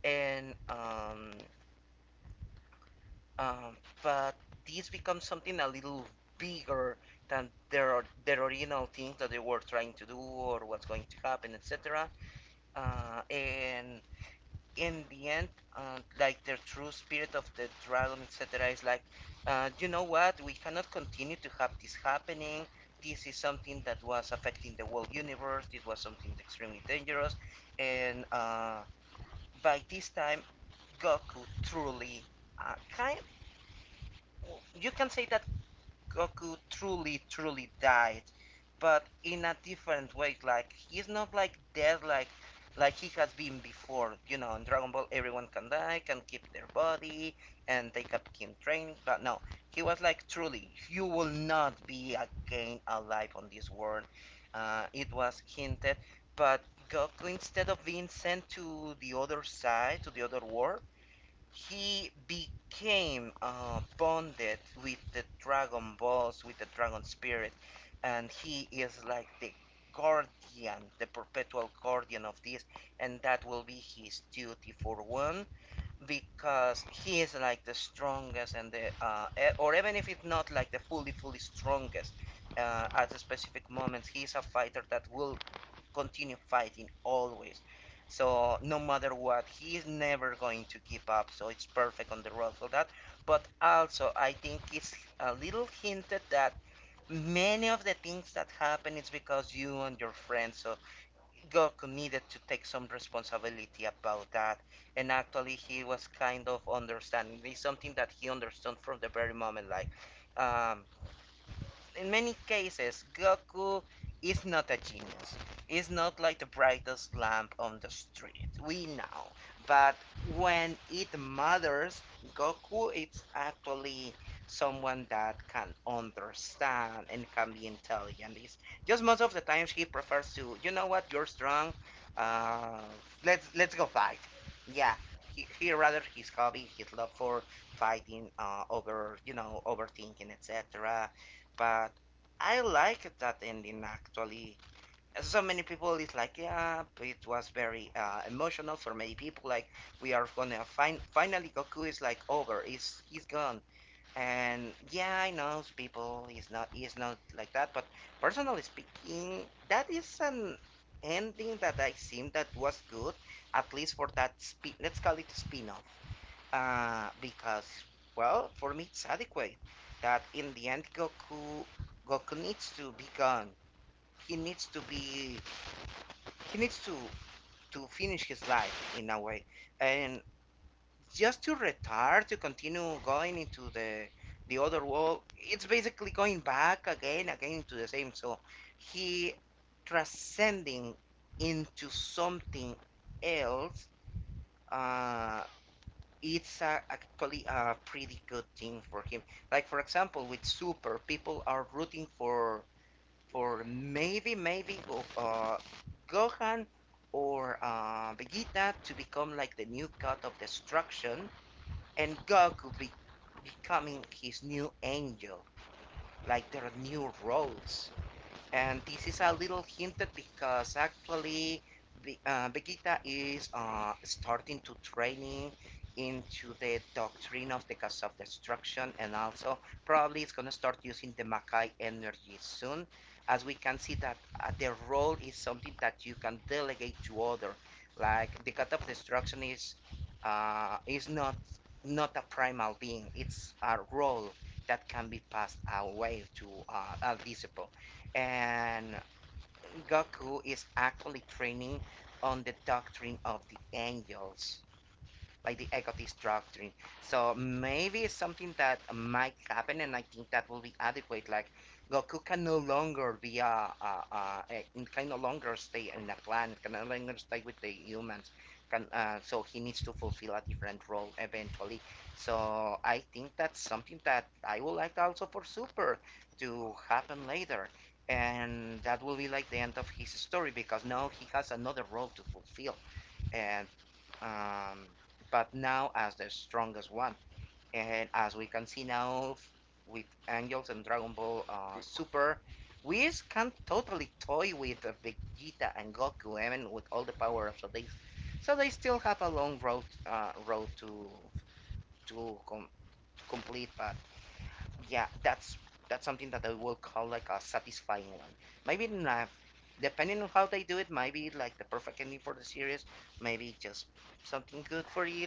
And um, but these become something a little bigger than their original thing that they were trying to do or what's going to happen, etc. And in the end, like their true spirit of the dragon, etc., is like, you know what? We cannot continue to have this happening. This is something that was affecting the whole universe. It was something extremely dangerous, and by this time, Goku truly kind of, you can say that Goku truly died, but in a different way. Like he's not like dead, like he has been before. You know, in Dragon Ball, everyone can die, can keep their body, and they kept him training. But no, he was like truly, you will not be again alive on this world. It was hinted, but Goku, instead of being sent to the other side, to the other world, he became bonded with the Dragon Balls, with the Dragon Spirit, and he is like the guardian, the perpetual guardian of this, and that will be his duty for one because he is like the strongest and or even if it's not like the fully strongest at a specific moment, he's a fighter that will continue fighting always, so no matter what, he's never going to give up, so it's perfect on the road for that. But also I think it's a little hinted that many of the things that happen is because you and your friends, so Goku needed to take some responsibility about that. And actually, he was kind of understanding. It's something that he understood from the very moment. Like, um, in many cases, Goku is not a genius. He's not like the brightest lamp on the street. We know. But when it matters, Goku is actually someone that can understand and can be intelligent. It's just most of the times he prefers to, you know what, you're strong. Uh, let's go fight. Yeah, he rather his hobby, his love for fighting, over, you know, overthinking, etc. But I like that ending, actually. So many people is like, yeah, but it was very emotional for many people. Like, we are gonna find finally Goku is like over. He's gone. And yeah, I know people is not like that. But personally speaking, that is an ending that I seen that was good, at least for that spin. Let's call it a spin-off. Because, well, for me it's adequate that in the end Goku needs to be gone. He needs to be he needs to finish his life in a way. And just to retire to continue going into the other world, it's basically going back again to the same. So he transcending into something else, uh, it's actually a pretty good thing for him. Like, for example, with Super, people are rooting for for maybe maybe go- uh, Gohan or Vegeta to become like the new god of destruction, and becoming his new angel, like their new roles. And this is a little hinted because actually Vegeta is starting to training into the doctrine of the cause of destruction, and also probably it's going to start using the Makai energy soon, as we can see that the role is something that you can delegate to other. Like the god of destruction is, not not a primal being, it's a role that can be passed away to a disciple, and Goku is actually training on the doctrine of the angels. Like the equity structuring. So maybe it's something that might happen, and I think that will be adequate. Like Goku can no longer be can no longer stay in the clan, can no longer stay with the humans. So he needs to fulfill a different role eventually. So I think that's something that I would like also for Super to happen later. And that will be like the end of his story because now he has another role to fulfill. And um, but now as the strongest one. And as we can see now with Angels and Dragon Ball Super, Whis can totally toy with Vegeta and Goku, even with all the power ups. So they still have a long road to to com- complete. But yeah, that's something that I will call like a satisfying one. Maybe not. Depending on how they do it, maybe like the perfect ending for the series, maybe just something good for you.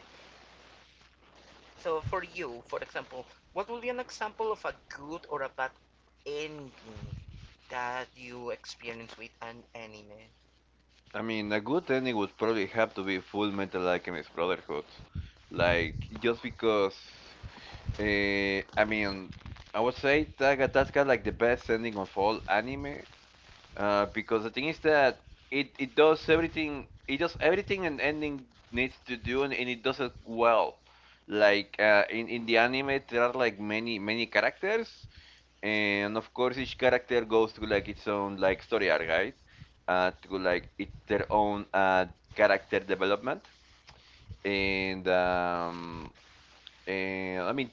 So for you, for example, what would be an example of a good or a bad ending that you experience with an anime?
I mean, a good ending would probably have to be Full Metal Alchemist Brotherhood. Like, just because. I mean, I would say that that's got like the best ending of all anime. Because the thing is that it does everything. It does everything an ending needs to do, and it does it well. Like, in the anime, there are like many, many characters, and of course each character goes through like its own like story arc, right, through like it's their own character development. And um and i mean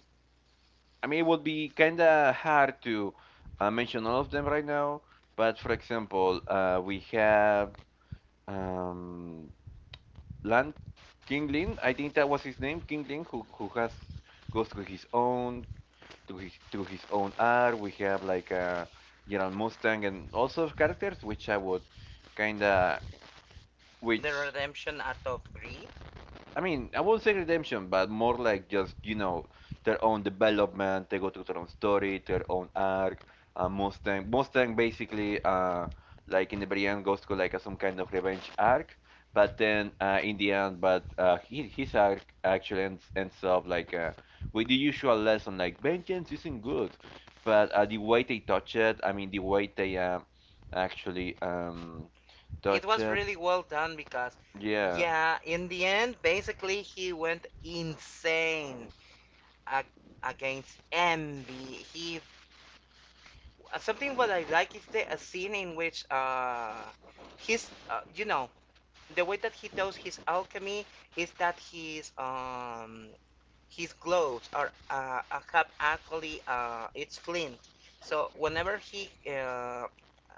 i mean it would be kind of hard to mention all of them right now, but for example we have, um Lan Kingling, I think that was his name, Kingling, who has goes through his own, to his own art. We have like a Gerald Mustang and also characters which I would kinda,
The
which.
redemption out of greed.
I mean, I won't say redemption, but more like just, you know, their own development. They go through their own story, their own arc. Mustang basically, like in the very end, goes to like some kind of revenge arc. But then in the end, but his arc actually ends up like with the usual lesson, like vengeance isn't good. But the way they touch it, I mean, the way they actually
It
touch
was
it,
really well done because,
yeah,
yeah, in the end, basically he went insane ag- against envy. He something what I like is the a scene in which his you know, the way that he does his alchemy is that he's his gloves are have actually it's flint. So uh,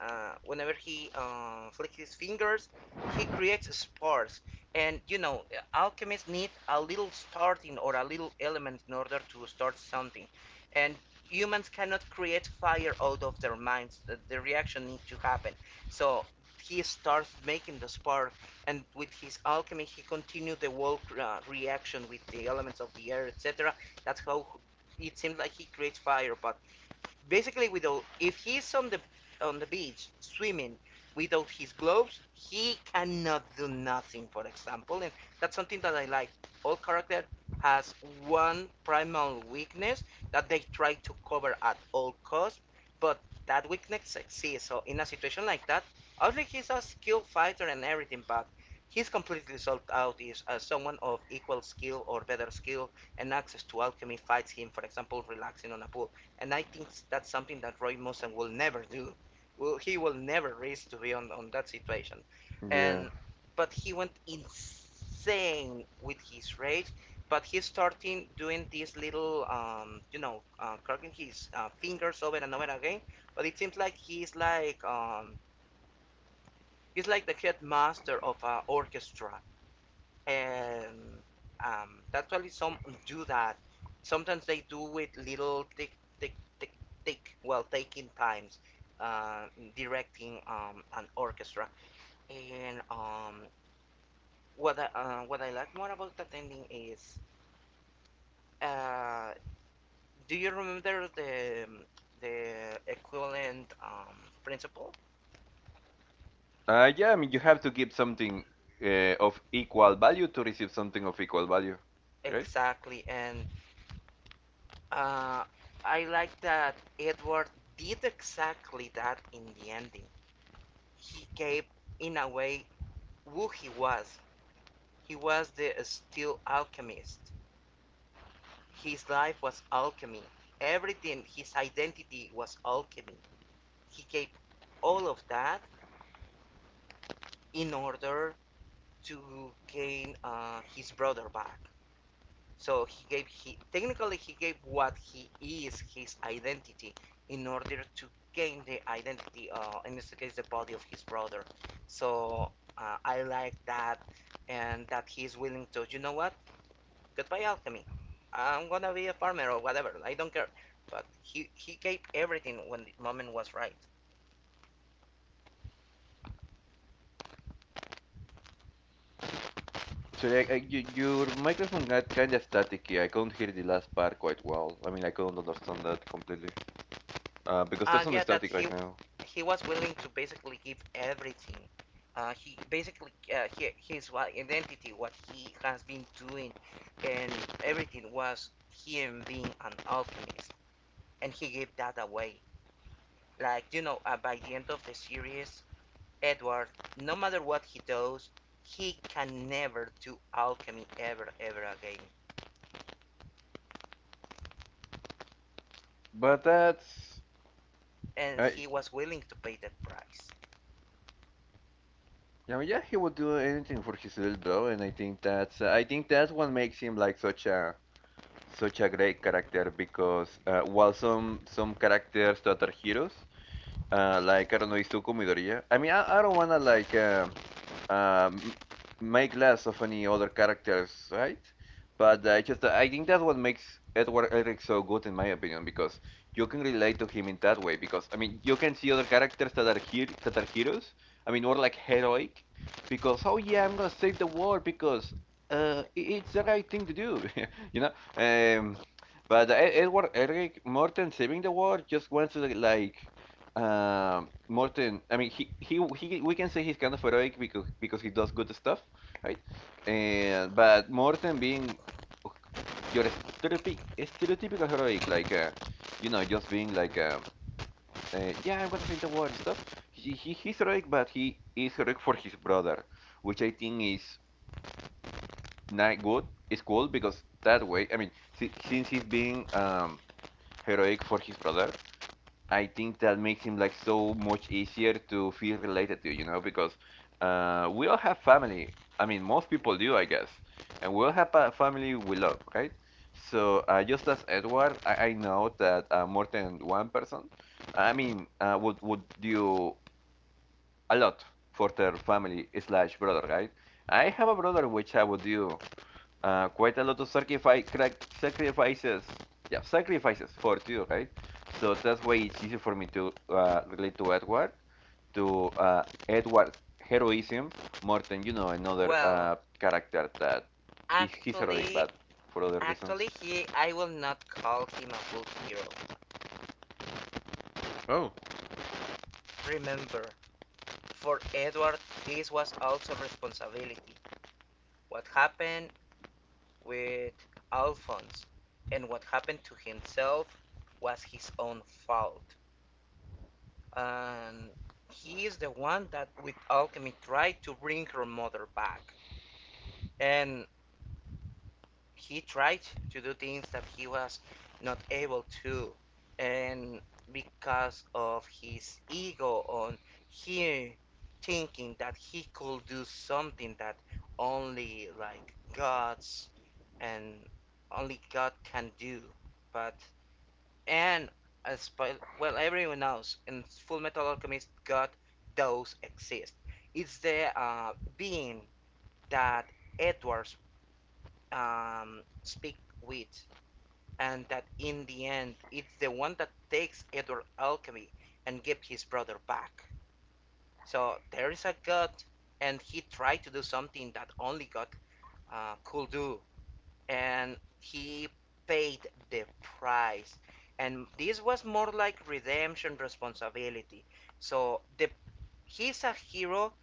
uh, whenever he flicks his fingers, he creates sparks. And you know, alchemists need a little starting or a little element in order to start something. And humans cannot create fire out of their minds. The reaction needs to happen. So he starts making the spark, and with his alchemy he continued the world reaction with the elements of the air, etc. That's how it seems like he creates fire, but basically without, if he's on the beach swimming without his gloves, he cannot do nothing, for example. And that's something that I like. All character has one primal weakness that they try to cover at all costs, but that weakness exists. So in a situation like that, obviously he's a skilled fighter and everything, but he's completely sold out if someone of equal skill or better skill and access to alchemy fights him, for example, relaxing on a pool. And I think that's something that Roy Mustang will never do. Will he will never risk to be on that situation,
yeah.
and but he went insane with his rage. But he's starting doing these little, you know, cracking his fingers over and over again. But it seems like he's like the headmaster of an orchestra. And that's why some do that. Sometimes they do it little tick, tick, tick, tick while taking times, uh, directing an orchestra. And what I like more about attending is, uh, do you remember the equivalent principle?
Yeah, I mean, you have to give something of equal value to receive something of equal value, right?
Exactly, and uh, I like that Edward did exactly that in the ending. He gave, in a way, who he was. He was the steel alchemist. His life was alchemy. Everything, his identity was alchemy. He gave all of that in order to gain his brother back. So he gave he technically he gave what he is, his identity, in order to gain the identity, in this case the body of his brother. So I like that, and that he is willing to, you know what, goodbye alchemy. I'm gonna be a farmer or whatever. I don't care. But he gave everything when the moment was right.
So like, your microphone got kind of staticky. I couldn't hear the last part quite well. I mean, I couldn't understand that completely, because there's
And
some
yeah, that
static right now.
he was willing to basically give everything. His identity, what he has been doing, and everything was him being an alchemist, and he gave that away. Like, you know, by the end of the series, Edward, no matter what he does, he can never do alchemy ever, ever again,
But
and
I,
he was willing to pay that price.
I mean, yeah, he would do anything for his little bro, and I think that's what makes him like such a great character because while some characters that are heroes, like I don't know, Izuku Midoriya. I mean, I don't wanna like um, make less of any other characters, right? But I think that's what makes Edward Elric so good, in my opinion, because you can relate to him in that way. Because I mean, you can see other characters that are here that are heroes. I mean, more like heroic, because oh yeah, I'm gonna save the world because it's the right thing to do, you know. Um, but Edward Elric, more than saving the world, just wants to like, Morten, I mean, he we can say he's kind of heroic because he does good stuff, right? And but Morten being ok, your stereotypical heroic, like just being like yeah, I'm gonna save the world and stuff. He's heroic, but he is heroic for his brother, which I think is not good. It's cool because that way, I mean, since he's being heroic for his brother, I think that makes him like so much easier to feel related to, you know, because we all have family. I mean, most people do, I guess, and we all have a family we love, right? So just as Edward, I know that more than one person, I mean, would do a lot for their family slash brother, right? I have a brother which I would do quite a lot of sacrifices, yeah, sacrifices for you, right. So that's why it's easy for me to relate to Edward, to Edward heroism, more than, you know, another
well
character that is he's heroic
actually
but for other reasons.
Actually, he I will not call him a book hero.
Oh
Remember, for Edward, this was also responsibility. What happened with Alphonse and what happened to himself was his own fault. And he is the one that, with alchemy, tried to bring her mother back. And he tried to do things that he was not able to, and because of his ego, on him thinking that he could do something that only like gods, and only god can do, but, and as well, everyone knows, in Full Metal Alchemist, god does exist. It's the being that Edwards speak with, and that in the end it's the one that takes Edward Alchemy and gives his brother back. So there is a God, and he tried to do something that only God could do, and he paid the price. And this was more like redemption responsibility. So the he's a hero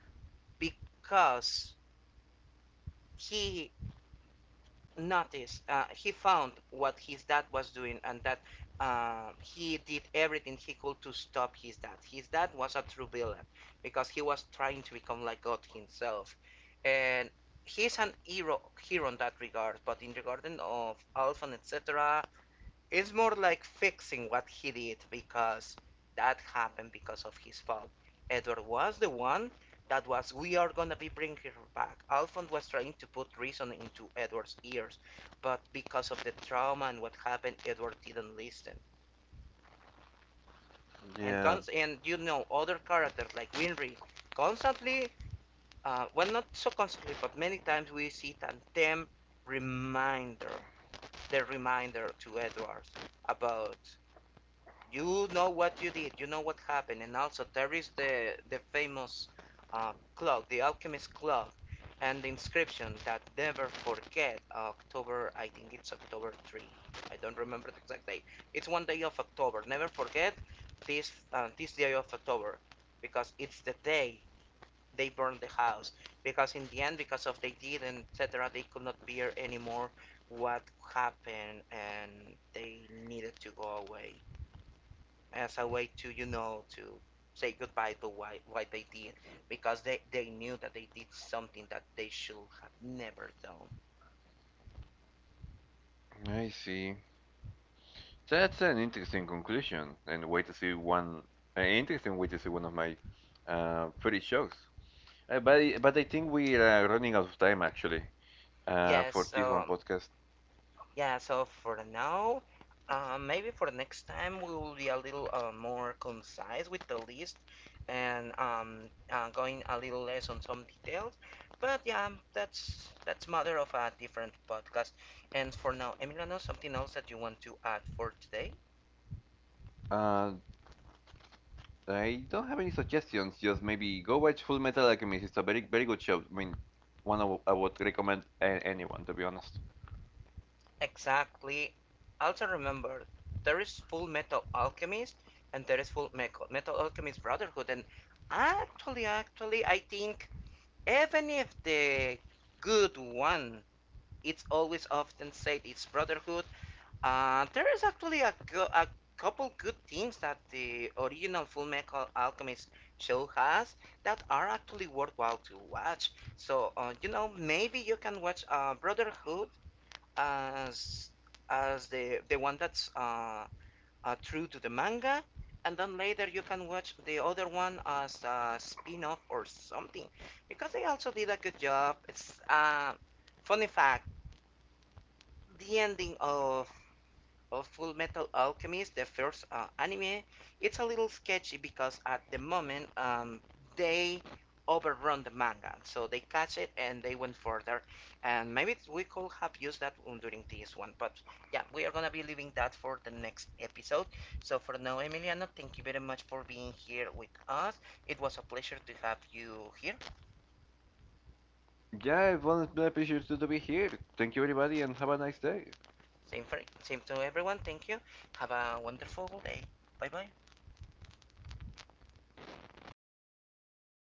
because he noticed, he found what his dad was doing, and that he did everything he could to stop his dad. His dad was a true villain, because he was trying to become like god himself, and he's an hero hero in that regard, but in regard of alpha and etc., it's more like fixing what he did, because that happened because of his fault. Edward was the one that was, we are gonna be bringing her back. Alphonse was trying to put reason into Edward's ears, but because of the trauma and what happened, Edward didn't listen. And
yeah,
cons- and you know, other characters like Winry, constantly, well, not so constantly, but many times we see them reminder, the reminder to Edward about, you know, what you did, you know what happened. And also, there is the famous clock, the alchemist clock, and the inscription that never forget October. I think it's October 3. I don't remember the exact date. It's one day of October. Never forget this this day of October, because it's the day they burned the house. Because in the end, because of they did and etc., they could not bear anymore what happened, and they needed to go away as a way to, you know, to say goodbye to why what they did, because they knew that they did something that they should have never done.
I see. That's an interesting conclusion and way to see one an interesting way to see one of my favorite shows. But I think we are running out of time actually.
Yes,
For this one
so
podcast.
yeah, so for now, maybe for the next time we will be a little more concise with the list, and going a little less on some details. But yeah, that's matter of a different podcast. And for now, Emiliano, something else that you want to add for today?
Uh, I don't have any suggestions. Just maybe go watch Full Metal Alchemist. It's a very very good show. I mean, I would recommend anyone to be honest.
Exactly. Also remember, there is Full Metal Alchemist, and there is Full Metal, Metal Alchemist Brotherhood. And actually, I think, even if the good one, it's always often said it's Brotherhood. There is actually a, a couple good things that the original Full Metal Alchemist show has that are actually worthwhile to watch. So, you know, maybe you can watch Brotherhood as the one that's true to the manga, and then later you can watch the other one as a spin-off or something, because they also did a good job. It's funny fact: the ending of Full Metal Alchemist, the first anime, it's a little sketchy because at the moment they overrun the manga, so they catch it and they went further. And maybe we could have used that during this one, but yeah, we are gonna be leaving that for the next episode. So for now, Emiliano, thank you very much for being here with us. It was a pleasure to have you here.
Yeah, it was a pleasure to be here. Thank you, everybody, and have a nice day.
Same for same to everyone. Thank you. Have a wonderful day. Bye bye.